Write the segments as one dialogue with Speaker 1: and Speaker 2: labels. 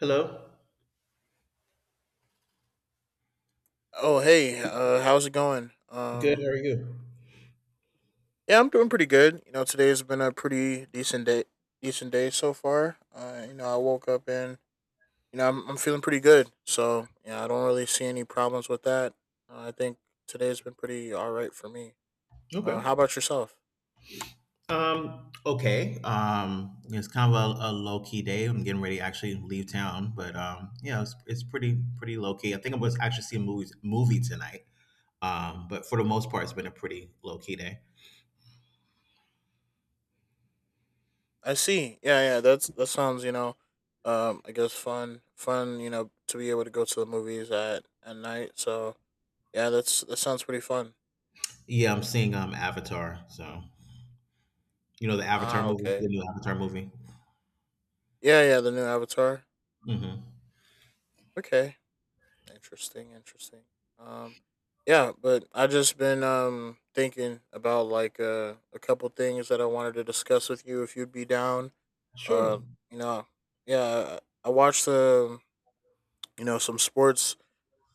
Speaker 1: Hello.
Speaker 2: Oh hey, how's it going?
Speaker 1: Good. How are you?
Speaker 2: Yeah, I'm doing pretty good. You know, today's been a pretty decent day so far. You know, I woke up and I'm feeling pretty good. So yeah, I don't really see any problems with that. I think today's been pretty all right for me.
Speaker 1: Okay.
Speaker 2: How about yourself?
Speaker 1: Okay. It's kind of a low key day. I'm getting ready to actually leave town, but Yeah. It's pretty low key. I think I was actually seeing movie tonight. But for the most part, it's been a pretty low key day.
Speaker 2: I see. Yeah, yeah. That's that sounds. I guess fun, fun. You know, to be able to go to the movies at night. So yeah, that's that sounds pretty fun.
Speaker 1: Yeah. I'm seeing Avatar. So you know the Avatar
Speaker 2: Ah,
Speaker 1: movie, the
Speaker 2: okay.
Speaker 1: new Avatar movie.
Speaker 2: Yeah, yeah. The new Avatar.
Speaker 1: Hmm.
Speaker 2: Okay. Interesting, interesting. Um, yeah, but I just been thinking about a couple things that I wanted to discuss with you if you'd be down.
Speaker 1: Sure.
Speaker 2: Uh, you know, yeah, I watched you know some sports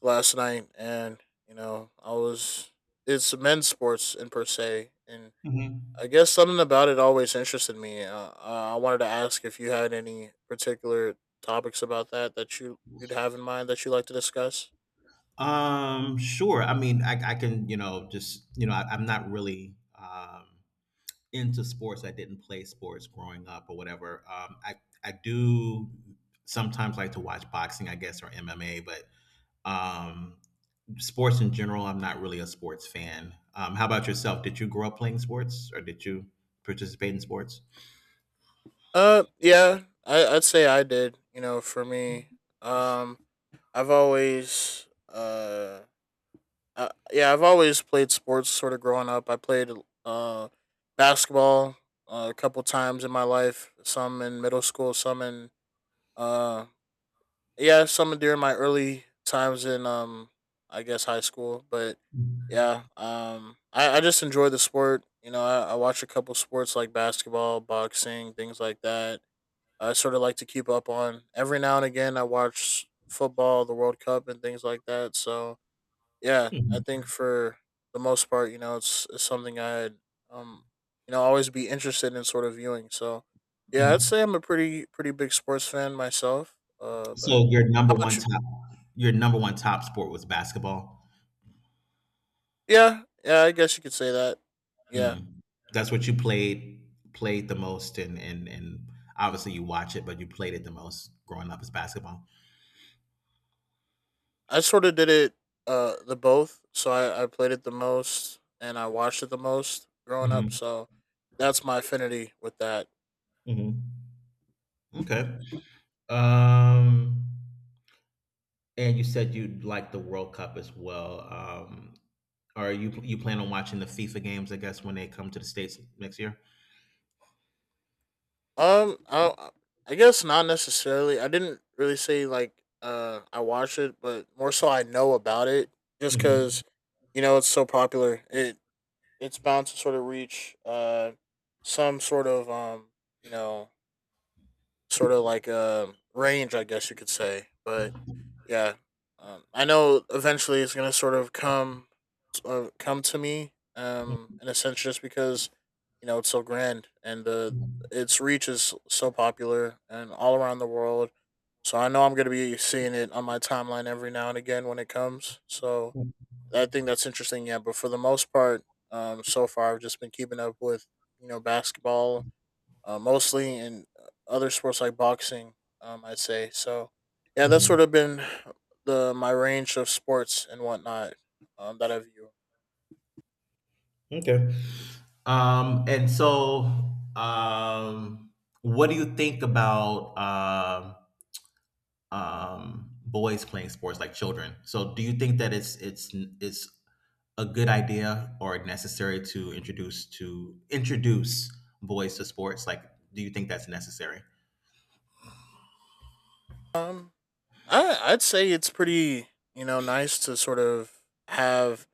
Speaker 2: last night, and you know I was it's men's sports in per se, and
Speaker 1: Hmm.
Speaker 2: I guess something about it always interested me. I wanted to ask if you had any particular topics about that that you'd have in mind that you like to discuss.
Speaker 1: Sure. I mean, I can just I'm not really into sports. I didn't play sports growing up or whatever. I do sometimes like to watch boxing, I guess, or MMA, but um, sports in general, I'm not really a sports fan. How about yourself? Did you grow up playing sports, or did you participate in sports?
Speaker 2: Yeah, I'd say I did. You know, for me, um, I've always yeah, I've always played sports. Sort of growing up, I played uh basketball a couple times in my life. Some in middle school, some in uh yeah, some during my early times in I guess high school. But yeah, I just enjoy the sport. You know, I watch a couple sports like basketball, boxing, things like that I sort of like to keep up on. Every now and again, I watch football, the World Cup, and things like that. So yeah, I
Speaker 1: Mhm.
Speaker 2: think for the most part, you know, it's something I'd um always be interested in sort of viewing. So yeah, I'd
Speaker 1: Mhm.
Speaker 2: say I'm a pretty pretty big sports fan myself. But
Speaker 1: So your number
Speaker 2: how
Speaker 1: one
Speaker 2: about you?
Speaker 1: top your number one top sport was basketball.
Speaker 2: Yeah, yeah, I guess you could say that. Yeah,
Speaker 1: Mhm. That's what you played the most, and obviously you watch it, but you played it the most growing up is basketball.
Speaker 2: I sort of did it the both. So I played it the most and I watched it the most growing up.
Speaker 1: Mhm,
Speaker 2: So that's my affinity with that.
Speaker 1: mhm. Okay. Um, and you said you like the World Cup as well. Are you you plan on watching the FIFA games, I guess, when they come to the States next year?
Speaker 2: Um, I, I guess not necessarily. I didn't really say like I watch it, but more so I know about it just
Speaker 1: Mhm,
Speaker 2: because you know it's so popular. It's bound to sort of reach some sort of you know sort of like a range, I guess you could say. But yeah, I know eventually it's gonna sort of come come to me
Speaker 1: mhm,
Speaker 2: in a sense just because you know it's so grand, and
Speaker 1: mhm,
Speaker 2: its reach is so popular and all around the world, so I know I'm going to be seeing it on my timeline every now and again when it comes. So I think that's interesting. Yeah, but for the most part, so far I've just been keeping up with you know basketball mostly, and other sports like boxing. I'd say so. Yeah, that's
Speaker 1: mhm.
Speaker 2: sort of been the my range of sports and whatnot that I view.
Speaker 1: Okay. And so, um, what do you think about boys playing sports like children. So, do you think that it's a good idea or necessary to introduce boys to sports? Like, do you think that's necessary?
Speaker 2: Um I I'd say it's pretty you know nice to sort of have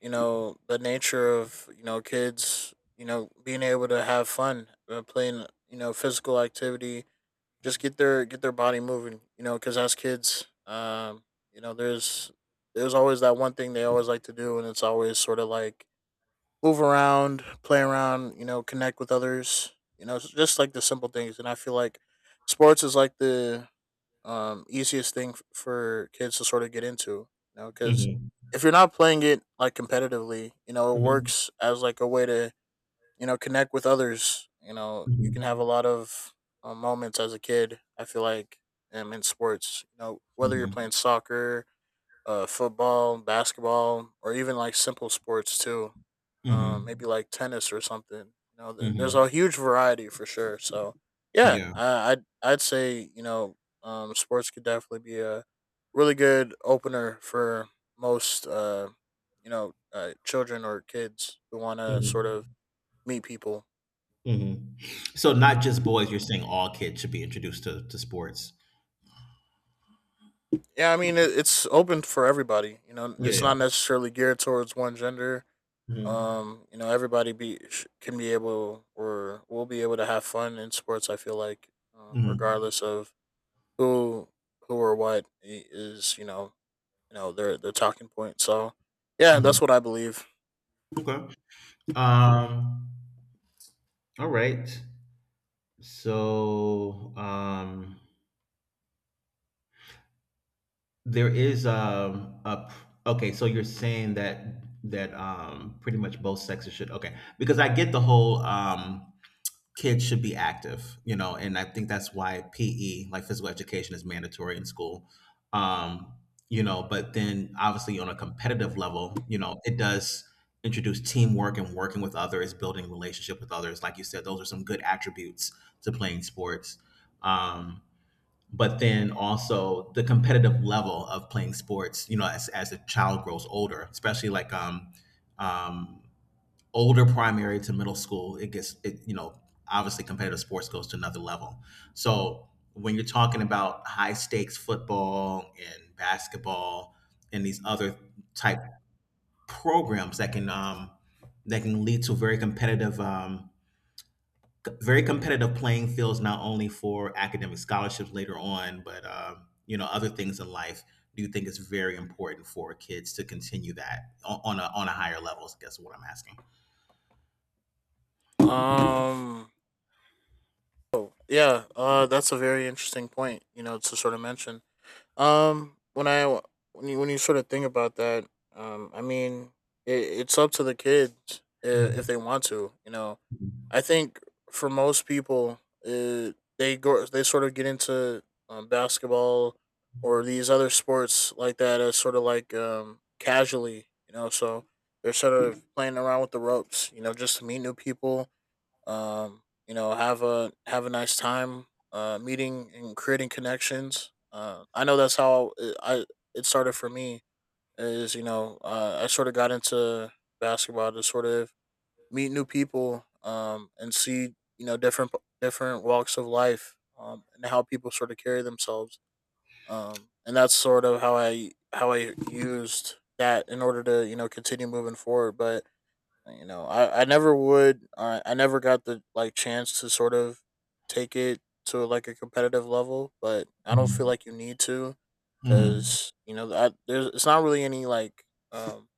Speaker 2: you know the nature of you know kids you know being able to have fun playing you know physical activity, just get their body moving, you know, because as kids you know there's always that one thing they always like to do, and it's always sort of like move around, play around, you know, connect with others. You know, it's just like the simple things, and I feel like sports is like the easiest thing for kids to sort of get into, you know, because
Speaker 1: Mm-hmm.
Speaker 2: if you're not playing it like competitively, you know, it
Speaker 1: Mm-hmm.
Speaker 2: works as like a way to, you know, connect with others. You know, you can have a
Speaker 1: Mm-hmm.
Speaker 2: lot of moments as a kid. I feel like in sports, you know, whether you're playing soccer, football, basketball, or even like simple sports too.
Speaker 1: Mm-hmm.
Speaker 2: Maybe like tennis or something. You know, there's
Speaker 1: Mm-hmm.
Speaker 2: a huge variety for sure. So yeah,
Speaker 1: Yeah.
Speaker 2: I'd say you know, sports could definitely be a really good opener for most children or kids who want to sort of
Speaker 1: Mm-hmm.
Speaker 2: meet people.
Speaker 1: Mm-hmm. So, not just boys. You're saying all kids should be introduced to sports.
Speaker 2: Yeah, I mean it's open for everybody. You know, it's
Speaker 1: Yeah.
Speaker 2: not necessarily geared towards one gender.
Speaker 1: Mm-hmm.
Speaker 2: You know, everybody be can be able or will be able to have fun in sports. I feel like, regardless of who who or what is, you know their talking point. So, yeah,
Speaker 1: Mm-hmm.
Speaker 2: that's what I believe.
Speaker 1: Okay. Um. All right. So there is okay. So you're saying that pretty much both sexes should okay because I get the whole kids should be active, you know, and I think that's why PE like physical education is mandatory in school. Um, you know, but then obviously on a competitive level, you know, it does introduce teamwork and working with others, building relationship with others. Like you said, those are some good attributes to playing sports. Um, but then also the competitive level of playing sports you know as a child grows older especially like um, older primary to middle school it gets it you know obviously competitive sports goes to another level, so when you're talking about high stakes football and basketball and these other type programs that can lead to very competitive very competitive playing fields not only for academic scholarships later on but you know other things in life. Do you think it's very important for kids to continue that on a on a higher level, I guess, is what I'm asking?
Speaker 2: Um, oh, yeah, that's a very interesting point. You know, to sort of mention. Um, when I when you sort of think about that, I mean, it, it's up to the kids
Speaker 1: Mm.
Speaker 2: if they want to. You know, I think for most people, uh, they go they sort of get into basketball or these other sports like that as sort of like casually. You know, so they're sort of playing around with the ropes. You know, just to meet new people, you know, have a nice time meeting and creating connections. I know that's how it, I it started for me, is you know I sort of got into basketball to sort of meet new people, and see you know different walks of life, and how people sort of carry themselves, and that's sort of how I used that in order to you know continue moving forward. But you know I never got the like chance to sort of take it to like a competitive level, but I don't feel like you need to,
Speaker 1: Mhm.
Speaker 2: because you know there's it's not really any like um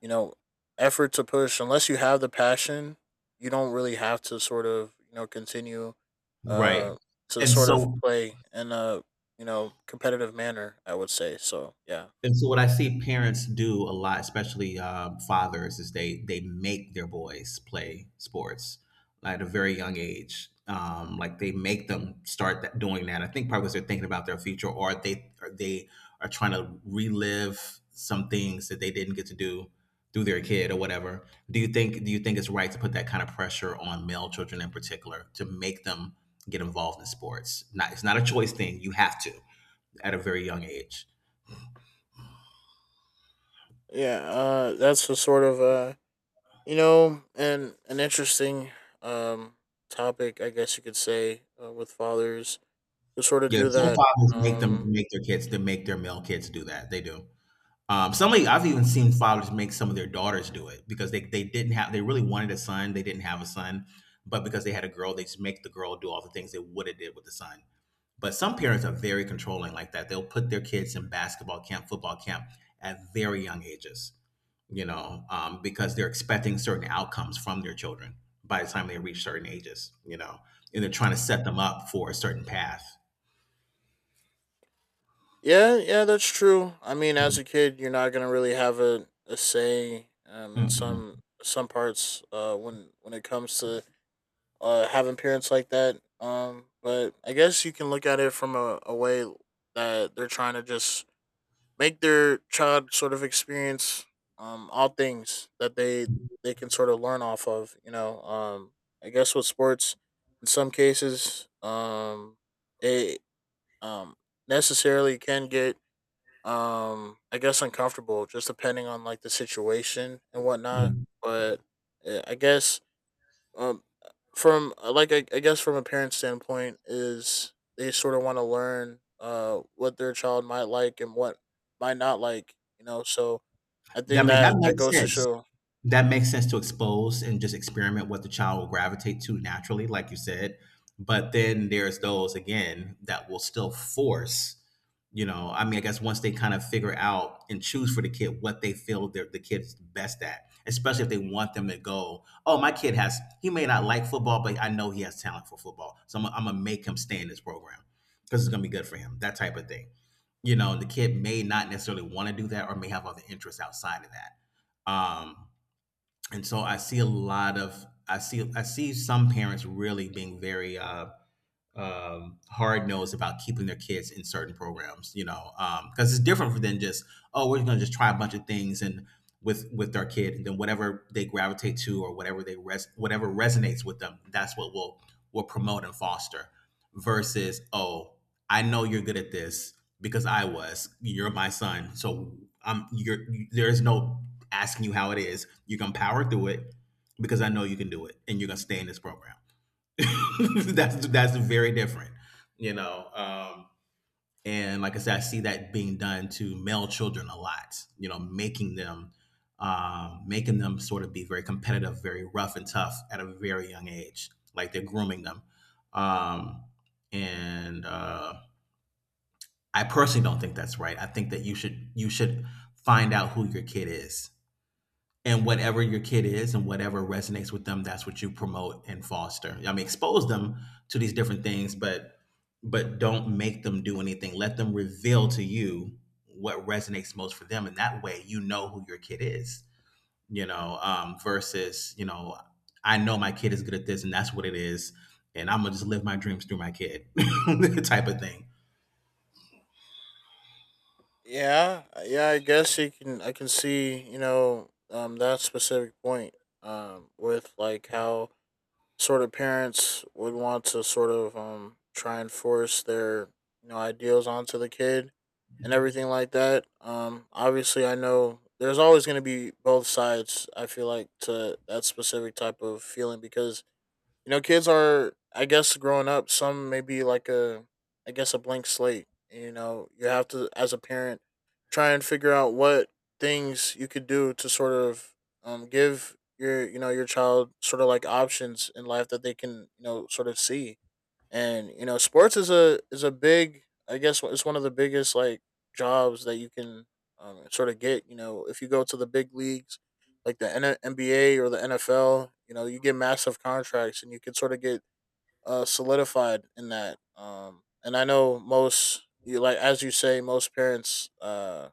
Speaker 2: you know effort to push unless you have the passion. You don't really have to sort of you know continue
Speaker 1: Right.
Speaker 2: uh to
Speaker 1: And
Speaker 2: sort of
Speaker 1: so,
Speaker 2: play in a you know competitive manner, I would say. So yeah,
Speaker 1: and so what I see parents do a lot, especially fathers, is they make their boys play sports like, at a very young age. Like they make them start that, doing that. I think probably because they're thinking about their future, or they are trying to relive some things that they didn't get to do through their kid or whatever. Do you think it's right to put that kind of pressure on male children in particular to make them get involved in sports? Not It's not a choice thing. You have to at a very young age.
Speaker 2: yeah that's the sort of you know, and an interesting um topic, I guess you could say, with fathers to sort of
Speaker 1: Yeah,
Speaker 2: do
Speaker 1: some
Speaker 2: that.
Speaker 1: fathers
Speaker 2: Um,
Speaker 1: make their kids to make their male kids do that. They do. Some of, I've even seen fathers make some of their daughters do it because they didn't have, they really wanted a son. They didn't have a son, but because they had a girl, they just make the girl do all the things they would have did with the son. But some parents are very controlling like that. They'll put their kids in basketball camp, football camp at very young ages, you know, because they're expecting certain outcomes from their children by the time they reach certain ages, you know, and they're trying to set them up for a certain path.
Speaker 2: yeah, yeah, that's true. I mean, as a kid, you're not gonna really have a say in
Speaker 1: Mhm.
Speaker 2: some parts when it comes to having parents like that. But I guess you can look at it from a way that they're trying to just make their child sort of experience all things that they can sort of learn off of, you know. I guess with sports in some cases it um necessarily can get I guess uncomfortable, just depending on like the situation and whatnot.
Speaker 1: Mhm.
Speaker 2: But I guess um from I guess from a parent's standpoint, is they sort of want to learn what their child might like and what might not like, you know. So I
Speaker 1: I
Speaker 2: think
Speaker 1: mean, that
Speaker 2: that that
Speaker 1: makes
Speaker 2: goes to
Speaker 1: sense.
Speaker 2: show.
Speaker 1: That makes sense to expose and just experiment what the child will gravitate to naturally, like you said. But then there's those again that will still force, you know, I mean, I guess once they kind of figure out and choose for the kid what they feel the kid's best at, especially if they want them to go, oh, my kid has, he may not like football, but I know he has talent for football. So I'm gonna make him stay in this program because it's gonna be good for him, that type of thing. You know, the kid may not necessarily want to do that or may have other interests outside of that. And so I see a lot of I see some parents really being very hard nosed about keeping their kids in certain programs, you know, because it's different than just, oh, we're going to just try a bunch of things and with our kid and then whatever they gravitate to or whatever resonates with them, that's what we'll will promote and foster, versus, oh, I know you're good at this because I was, you're my son, so I'm, you're, there's no asking you how it is, you're gonna power through it because I know you can do it and you're gonna stay in this program. That's very different, you know. And like I said, I see that being done to male children a lot. You know, making them sort of be very competitive, very rough and tough at a very young age. Like they're grooming them. Um, and I personally don't think that's right. I think that you should find out who your kid is and whatever your kid is and whatever resonates with them, that's what you promote and foster. I mean, expose them to these different things, but don't make them do anything, let them reveal to you what resonates most for them, and that way you know who your kid is, you know, versus, you know, I know my kid is good at this and that's what it is and I'm gonna just live my dreams through my kid. Type of thing.
Speaker 2: Yeah, yeah, I guess you can, I can see you know that specific point with like how sort of parents would want to sort of try and force their you know ideals onto the kid and everything like that. Obviously, I know there's always going to be both sides. I feel like to that specific type of feeling, because you know kids are I guess growing up, some may be like a I guess a blank slate. You know, you have to as a parent try and figure out what things you could do to sort of give your you know your child sort of like options in life that they can you know sort of see. And you know, sports is a big, I guess, it's one of the biggest like jobs that you can sort of get, you know, if you go to the big leagues like the NBA or the NFL. You know, you get massive contracts and you can sort of get solidified in that. And I know most you, like as you say, most parents,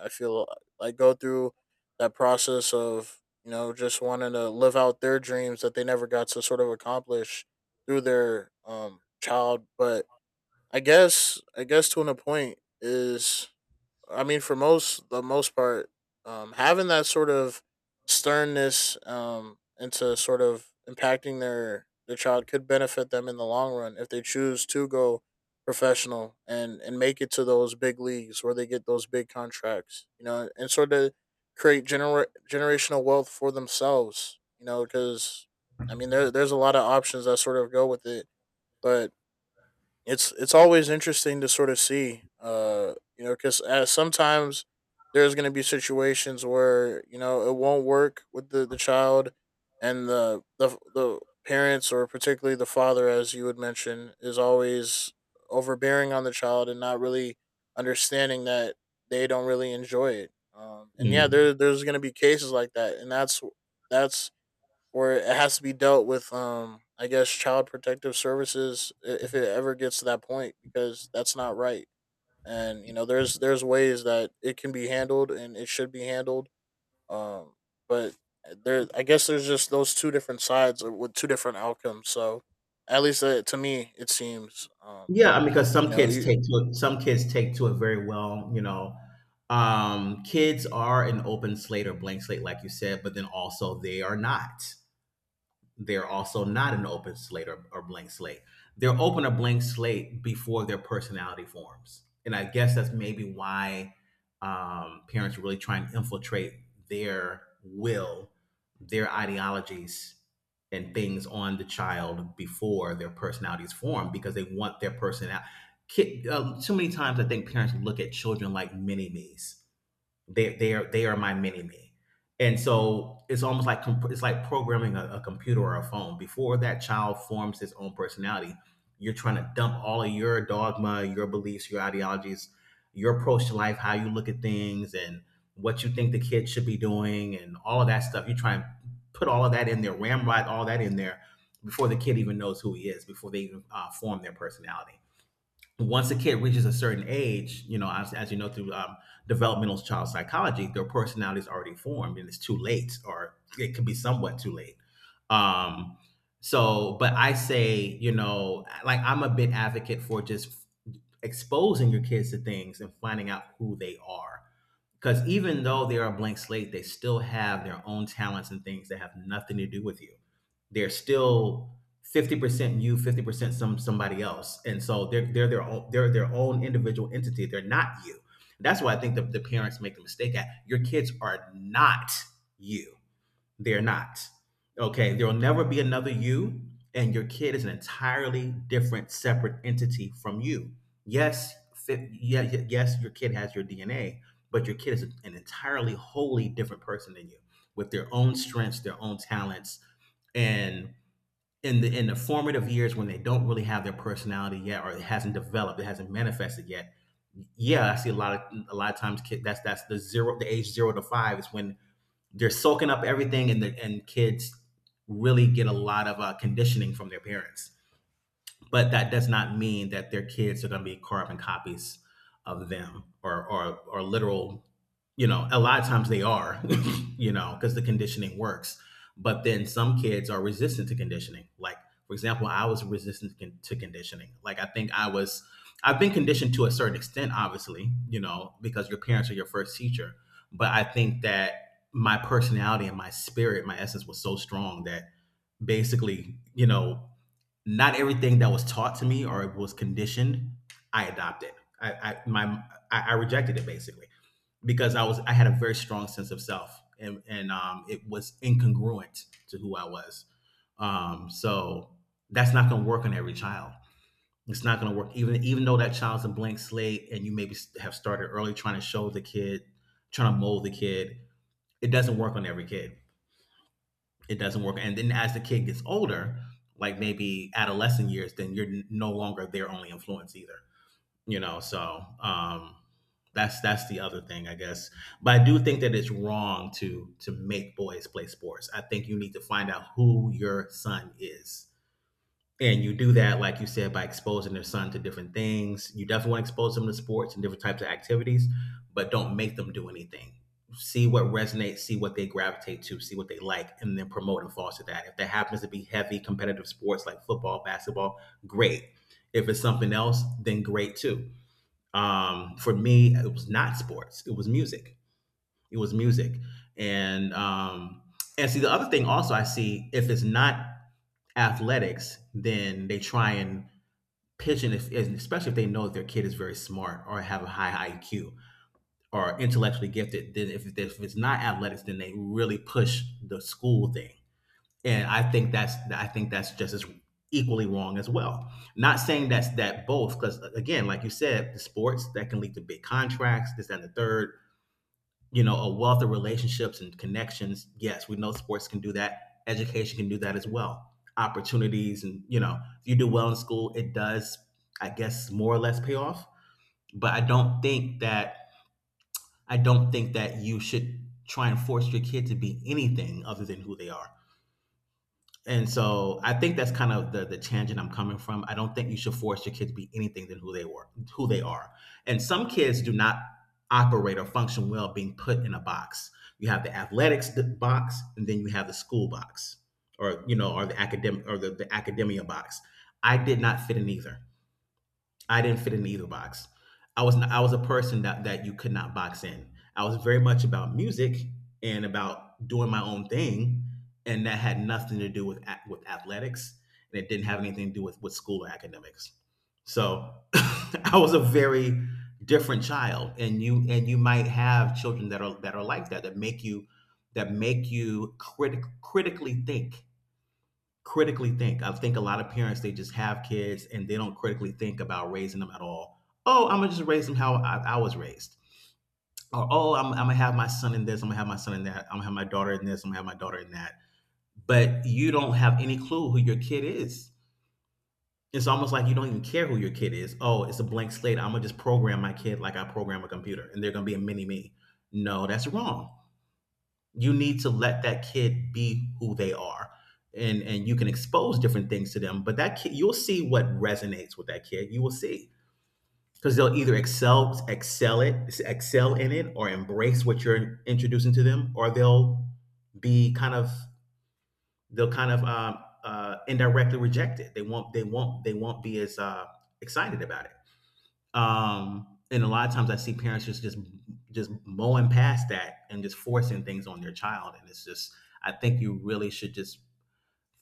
Speaker 2: I feel like go through that process of you know just wanting to live out their dreams that they never got to sort of accomplish through their child. But I guess to an a point is, for most the most part, having that sort of sternness, into sort of impacting their child could benefit them in the long run if they choose to go professional and make it to those big leagues where they get those big contracts, you know, and sort of create generational wealth for themselves, you know, because there's a lot of options that sort of go with it, but it's always interesting to sort of see, you know, because sometimes there's going to be situations where you know it won't work with the child, and the parents, or particularly the father, as you would mention, is always overbearing on the child and not really understanding that they don't really enjoy it. And yeah,
Speaker 1: Mm.
Speaker 2: there's going to be cases like that, and that's where it has to be dealt with, I guess child protective services, if it ever gets to that point, because that's not right. And you know there's ways that it can be handled and it should be handled. um but there's just those two different sides, with two different outcomes. So at least, to me it seems
Speaker 1: Yeah, I, because
Speaker 2: you
Speaker 1: some
Speaker 2: know
Speaker 1: kids
Speaker 2: you,
Speaker 1: take to it, some kids take to it very well, you know. Kids are an open slate or blank slate, like you said, but then also they are not, they're also not an open slate or blank slate. They're open or blank slate before their personality forms. And I guess that's maybe why parents really try and infiltrate their will, their ideologies, and things on the child before their personalities form because they want their personality. Kid, too many times I think parents look at children like mini me's, they are my mini me, and so it's almost like it's like programming a computer or a phone. Before that child forms his own personality, you're trying to dump all of your dogma, your beliefs, your ideologies, your approach to life, how you look at things, and what you think the kid should be doing, and all of that stuff. You try and put all of that in there, ramrod all that in there before the kid even knows who he is, before they even form their personality. Once a kid reaches a certain age, you know, as you know through developmental child psychology, their personality is already formed, and it's too late, or it could be somewhat too late. Um, so, but I say, you know, like, I'm a big advocate for just exposing your kids to things and finding out who they are. Because even though they are a blank slate, they still have their own talents and things that have nothing to do with you. They're still 50% you, 50% somebody else, and so they're their own individual entity. They're not you. That's why I think the parents make the mistake at, your kids are not you. They're not. Okay. There will never be another you, and your kid is an entirely different, separate entity from you. Yes, fit, yeah, yes, your kid has your DNA, but your kid is an entirely, wholly different person than you, with their own strengths, their own talents, and in the formative years when they don't really have their personality yet, or it hasn't developed, it hasn't manifested yet. Yeah, I see a lot of times kid. That's the age 0 to 5 is when they're soaking up everything and kids really get a lot of conditioning from their parents. But that does not mean that their kids are going to be carbon copies of them or literal. You know, a lot of times they are, because the conditioning works. But then some kids are resistant to conditioning. Like, for example, I was resistant to conditioning. Like, I think I was I've been conditioned to a certain extent, obviously, because your parents are your first teacher. But I think that my personality and my spirit, my essence, was so strong that basically, not everything that was taught to me or was conditioned, I adopted. I, I my I rejected it basically, because I had a very strong sense of self, and it was incongruent to who I was. So that's not going to work on every child. It's not going to work even though that child's a blank slate and you maybe have started early trying to show the kid, trying to mold the kid. It doesn't work on every kid. It doesn't work. And then as the kid gets older, like maybe adolescent years, then you're no longer their only influence either. You know, so, that's the other thing, I guess. But I do think that it's wrong to make boys play sports. I think you need to find out who your son is, and you do that, like you said, by exposing their son to different things. You definitely want to expose them to sports and different types of activities, but don't make them do anything. See what resonates, see what they gravitate to, see what they like, and then promote and foster that. If that happens to be heavy competitive sports like football, basketball, great. If it's something else, then great too. For me, it was not sports, it was music. It was music. And um, and see, the other thing also I see, if it's not athletics, then they try and pigeon is, especially if they know that their kid is very smart or have a high IQ or intellectually gifted. Then if it's not athletics, then they really push the school thing, and I think that's just as equally wrong as well. Not saying that's that, both, because again, like you said, the sports, that can lead to big contracts, this, that, and the third, you know, a wealth of relationships and connections. Yes, we know sports can do that. Education can do that as well. Opportunities, and, you know, if you do well in school, it does, I guess, more or less pay off. But I don't think that you should try and force your kid to be anything other than who they are. And so I think that's kind of the tangent I'm coming from. I don't think you should force your kids to be anything than who they were, who they are. And some kids do not operate or function well being put in a box. You have the athletics box, and then you have the school box, or, you know, or the academic, or the academia box. I did not fit in either. I didn't fit in either box. I was not, I was a person that you could not box in. I was very much about music and about doing my own thing, and that had nothing to do with athletics, and it didn't have anything to do with school or academics. So, I was a very different child. And you might have children that are like that, that make you critically think. I think a lot of parents, they just have kids and they don't critically think about raising them at all. Oh, I'm gonna just raise them how I was raised. Or, oh, I'm gonna have my son in this. I'm gonna have my son in that. I'm gonna have my daughter in this. I'm gonna have my daughter in that. But you don't have any clue who your kid is. It's almost like you don't even care who your kid is. Oh, it's a blank slate. I'm gonna just program my kid like I program a computer, and they're gonna be a mini me. No, that's wrong. You need to let that kid be who they are, and you can expose different things to them. But that kid, you'll see what resonates with that kid. You will see, because they'll either excel in it, or embrace what you're introducing to them. Or they'll be kind of, indirectly reject it. They won't be as excited about it. And a lot of times I see parents just mowing past that, and just forcing things on their child. And it's just, I think you really should just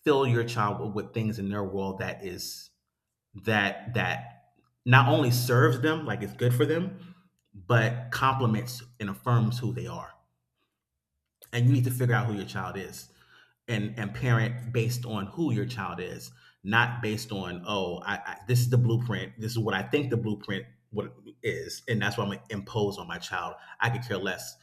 Speaker 1: fill your child with, things in their world that is that that not only serves them, like, it's good for them, but complements and affirms who they are. And you need to figure out who your child is, and parent based on who your child is, not based on, oh, I this is the blueprint. This is what I think the blueprint what is, and that's what I'm gonna impose on my child. I could care less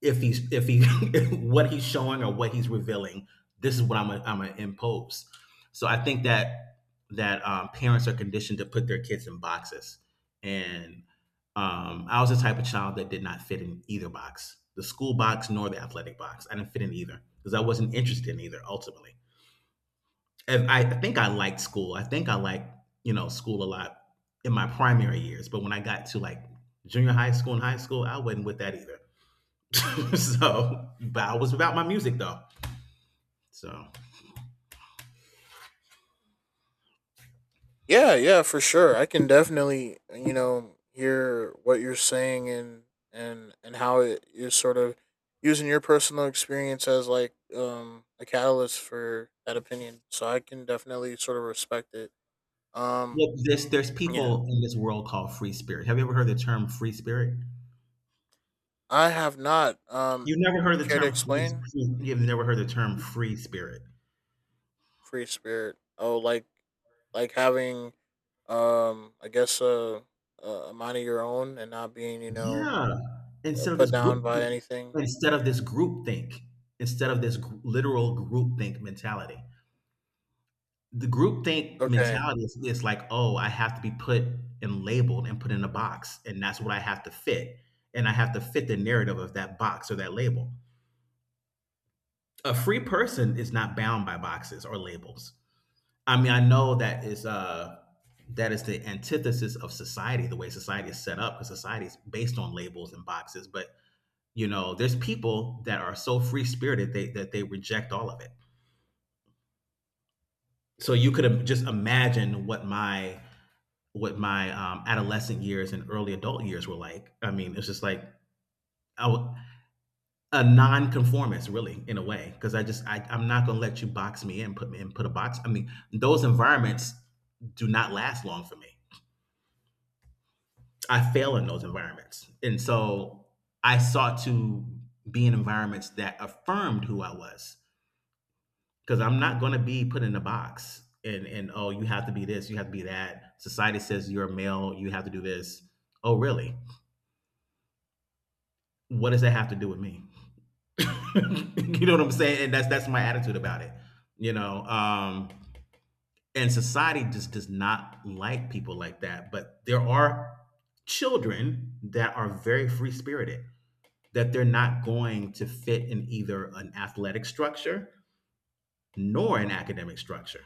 Speaker 1: if he, what he's showing or what he's revealing, this is what I'm gonna impose. So I think that parents are conditioned to put their kids in boxes. And, I was the type of child that did not fit in either box, the school box nor the athletic box. I didn't fit in either because I wasn't interested in either ultimately. And I think I liked school, I think I liked, school a lot, in my primary years. But when I got to like junior high school and high school, I wasn't with that either. So, but I was about my music though. So, well,
Speaker 2: Yeah, yeah, for sure. I can definitely, you know, hear what you're saying, and and how it you're sort of using your personal experience as like a catalyst for that opinion. So I can definitely sort of respect it. Um
Speaker 1: this there's
Speaker 2: yeah.
Speaker 1: people in this world called free spirit. Have you ever heard the term free spirit?
Speaker 2: I have not.
Speaker 1: You've never heard the
Speaker 2: Care to
Speaker 1: term free.
Speaker 2: explain?
Speaker 1: You've never heard the term free spirit.
Speaker 2: Free spirit. Oh, like having, I guess, a a mind of your own and not being, you know,
Speaker 1: Yeah. Instead of this
Speaker 2: put
Speaker 1: group,
Speaker 2: down by anything.
Speaker 1: instead of this group think, instead of this literal group think mentality, the group think
Speaker 2: Okay.
Speaker 1: mentality is like, oh, I have to be put and labeled and put in a box, and that's what I have to fit, and I have to fit the narrative of that box or that label. A free person is not bound by boxes or labels. I mean, I know that is the antithesis of society, the way society is set up, because society is based on labels and boxes. But you know, there's people that are so free spirited, they that they reject all of it. So you could just imagine what my adolescent years and early adult years were like. I mean, it's just like, I w- a non-conformist, really, in a way, because I'm not going to let you box me in, put me in, put a box. I mean, those environments do not last long for me. I fail in those environments, and so I sought to be in environments that affirmed who I was, because I'm not going to be put in a box. And oh, you have to be this, you have to be that, society says you're a male, you have to do this. Oh really, what does that have to do with me? You know what I'm saying, and that's my attitude about it. You know, and society just does not like people like that, but there are children that are very free spirited, that they're not going to fit in either an athletic structure nor an academic structure.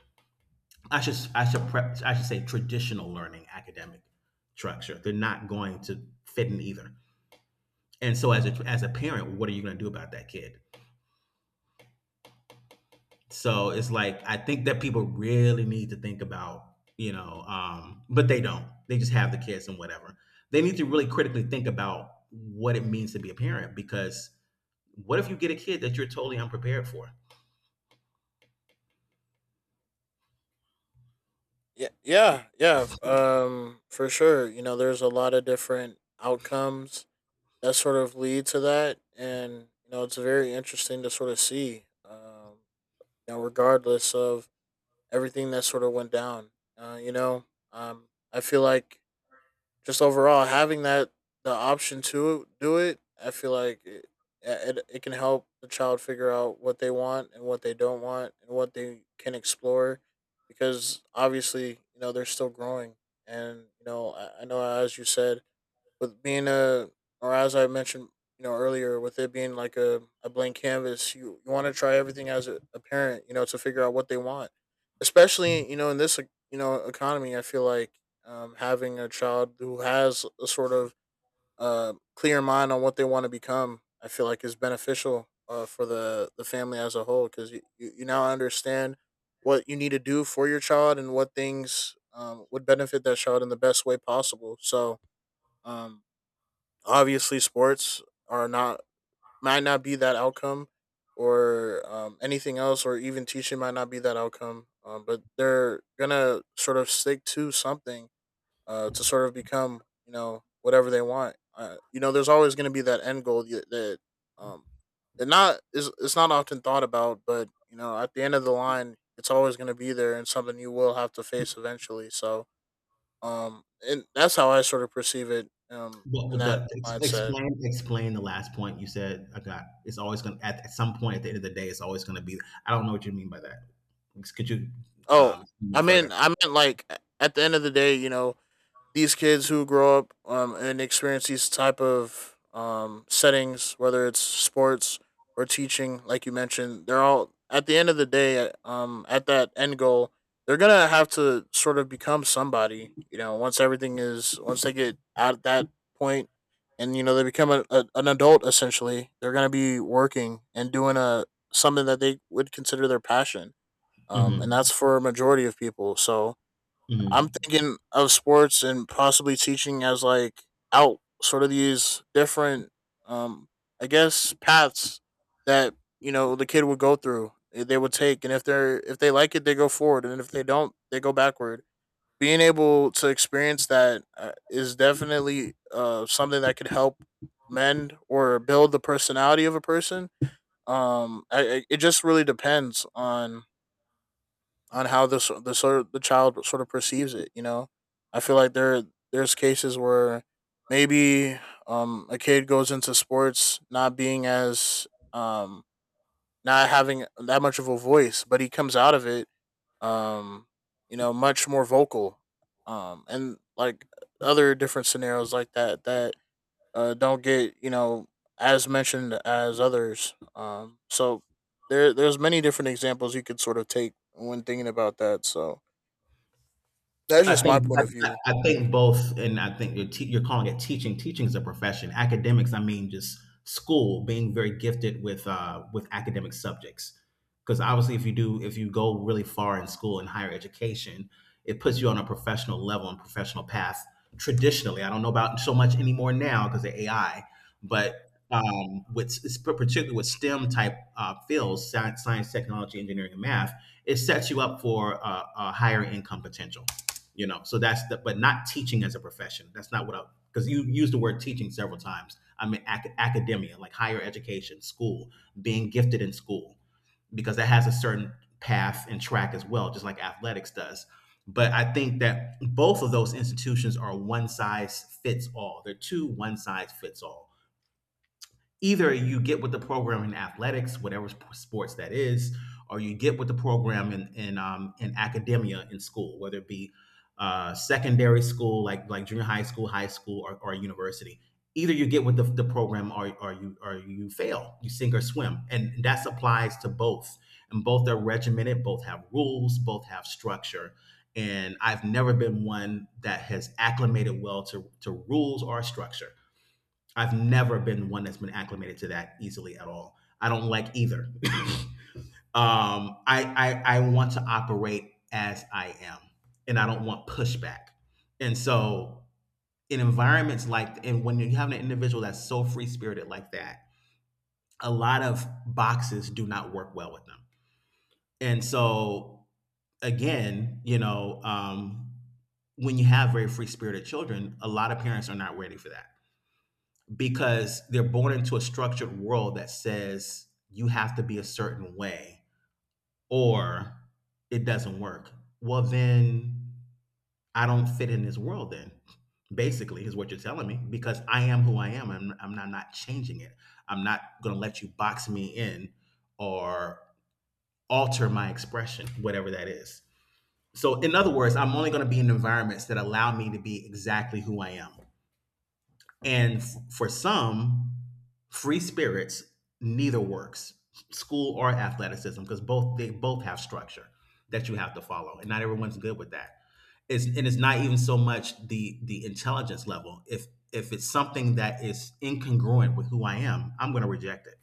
Speaker 1: I should say, traditional learning academic structure, they're not going to fit in either. And so, as a parent, what are you going to do about that kid? So it's like, I think that people really need to think about, you know, but they don't. They just have the kids and whatever. They need to really critically think about what it means to be a parent, because what if you get a kid that you're totally unprepared for?
Speaker 2: Yeah, yeah, yeah. For sure. You know, there's a lot of different outcomes that sort of lead to that, and you know, it's very interesting to sort of see. You know, regardless of everything that sort of went down, uh, you know, um, I feel like just overall having that the option to do it, I feel like it can help the child figure out what they want and what they don't want and what they can explore, because obviously you know they're still growing, and you know I know as you said with being a, or as I mentioned, you know, earlier, with it being like a blank canvas, you want to try everything as a parent, you know, to figure out what they want. Especially, you know, in this, like, you know, economy, I feel like, having a child who has a sort of clear mind on what they want to become, I feel like is beneficial, for the family as a whole, because you now understand what you need to do for your child and what things would benefit that child in the best way possible. So, um, obviously, sports are not might not be that outcome, or anything else, or even teaching might not be that outcome. But they're gonna sort of stick to something, to sort of become you know whatever they want. You know, there's always gonna be that end goal that, um, it not is it's not often thought about, but you know, at the end of the line, it's always going to be there and something you will have to face eventually. So, and that's how I sort of perceive it,
Speaker 1: What
Speaker 2: in
Speaker 1: would
Speaker 2: that mindset.
Speaker 1: explain? Explain the last point you said. I got. It's always going to, at some point, at the end of the day. It's always going to be. I don't know what you mean by that. Could you
Speaker 2: Oh,
Speaker 1: explain
Speaker 2: I
Speaker 1: that further?
Speaker 2: mean, I meant like at the end of the day, you know, these kids who grow up, and experience these type of, settings, whether it's sports or teaching, like you mentioned, they're all at the end of the day, at that end goal, they're gonna have to sort of become somebody. You know, once everything is, once they get at that point, and you know they become an adult essentially, they're gonna be working and doing a something that they would consider their passion, and that's
Speaker 1: Hmm.
Speaker 2: for a majority of people. So I'm
Speaker 1: Hmm.
Speaker 2: thinking of sports and possibly teaching as like out sort of these different, um, I guess paths that you know the kid would go through. They would take, and if they're if they like it, they go forward, and if they don't, they go backward. Being able to experience that, is definitely, something that could help mend or build the personality of a person. It just really depends on how this the sort of, the child sort of perceives it. You know, I feel like there's cases where maybe, a kid goes into sports not being as, um, not having that much of a voice, but he comes out of it, um, you know, much more vocal, and like other different scenarios like that that, don't get you know as mentioned as others. So there's many different examples you could sort of take when thinking about that. So that's
Speaker 1: I
Speaker 2: just
Speaker 1: think
Speaker 2: my
Speaker 1: I,
Speaker 2: point of
Speaker 1: I
Speaker 2: view.
Speaker 1: I think both, and I think you're calling it teaching. Teaching is a profession. Academics, I mean, just school being very gifted with academic subjects. Because obviously, if you go really far in school and higher education, it puts you on a professional level and professional path. Traditionally, I don't know about so much anymore now because of AI, but with it's particularly with STEM type fields, science, technology, engineering, and math. It sets you up for a higher income potential, you know. So that's the, but not teaching as a profession. That's not what I, because you used the word teaching several times. I mean academia, like higher education, school, being gifted in school, because that has a certain path and track as well, just like athletics does. But I think that both of those institutions are one size fits all. They're two one size fits all. Either you get with the program in athletics, whatever sports that is, or you get with the program in academia in school, whether it be secondary school, like junior high school, or university. Either you get with the program or you fail. You sink or swim, and that applies to both. And both are regimented. Both have rules. Both have structure. And I've never been one that has acclimated well to rules or structure. I've never been one that's been acclimated to that easily at all. I don't like either. um, I want to operate as I am, and I don't want pushback. And so, and when you have an individual that's so free spirited like that, a lot of boxes do not work well with them. And so, again, when you have very free spirited children, a lot of parents are not ready for that, because they're born into a structured world that says you have to be a certain way, or it doesn't work. Well, then I don't fit in this world then, basically, is what you're telling me, because I am who I am. Not, not changing it. I'm not going to let you box me in or alter my expression, whatever that is. So, in other words, I'm only going to be in environments that allow me to be exactly who I am. And for some, free spirits, neither works, school or athleticism, because both they both have structure that you have to follow, and not everyone's good with that. It's, and it's not even so much the intelligence level. If it's something that is incongruent with who I am, I'm going to reject it.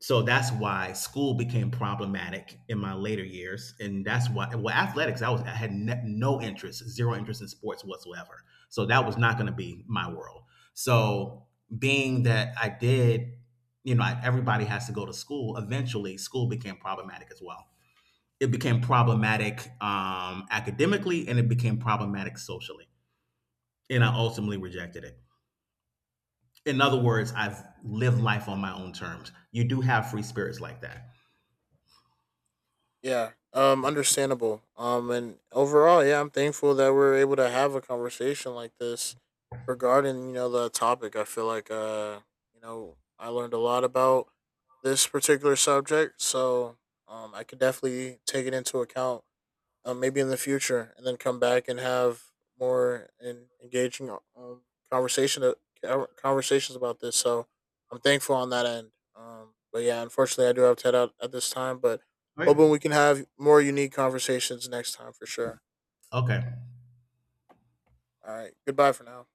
Speaker 1: So that's why school became problematic in my later years, and that's why, well, athletics, I had no interest, zero interest in sports whatsoever. So that was not going to be my world. So being that I did, you know, I, everybody has to go to school. Eventually, school became problematic as well. It became problematic academically, and it became problematic socially. And I ultimately rejected it. In other words, I've lived life on my own terms. You do have free spirits like that,
Speaker 2: Yeah, understandable. And overall, yeah, I'm thankful that we're able to have a conversation like this regarding you know the topic. I feel like, you know I learned a lot about this particular subject, so, I could definitely take it into account, maybe in the future, and then come back and have more and engaging, conversation uh, conversations about this. So I'm thankful on that end. But yeah, unfortunately, I do have to head out at this time. But
Speaker 1: right?
Speaker 2: hoping we can have more unique conversations next time for sure.
Speaker 1: Okay.
Speaker 2: All right, goodbye for now.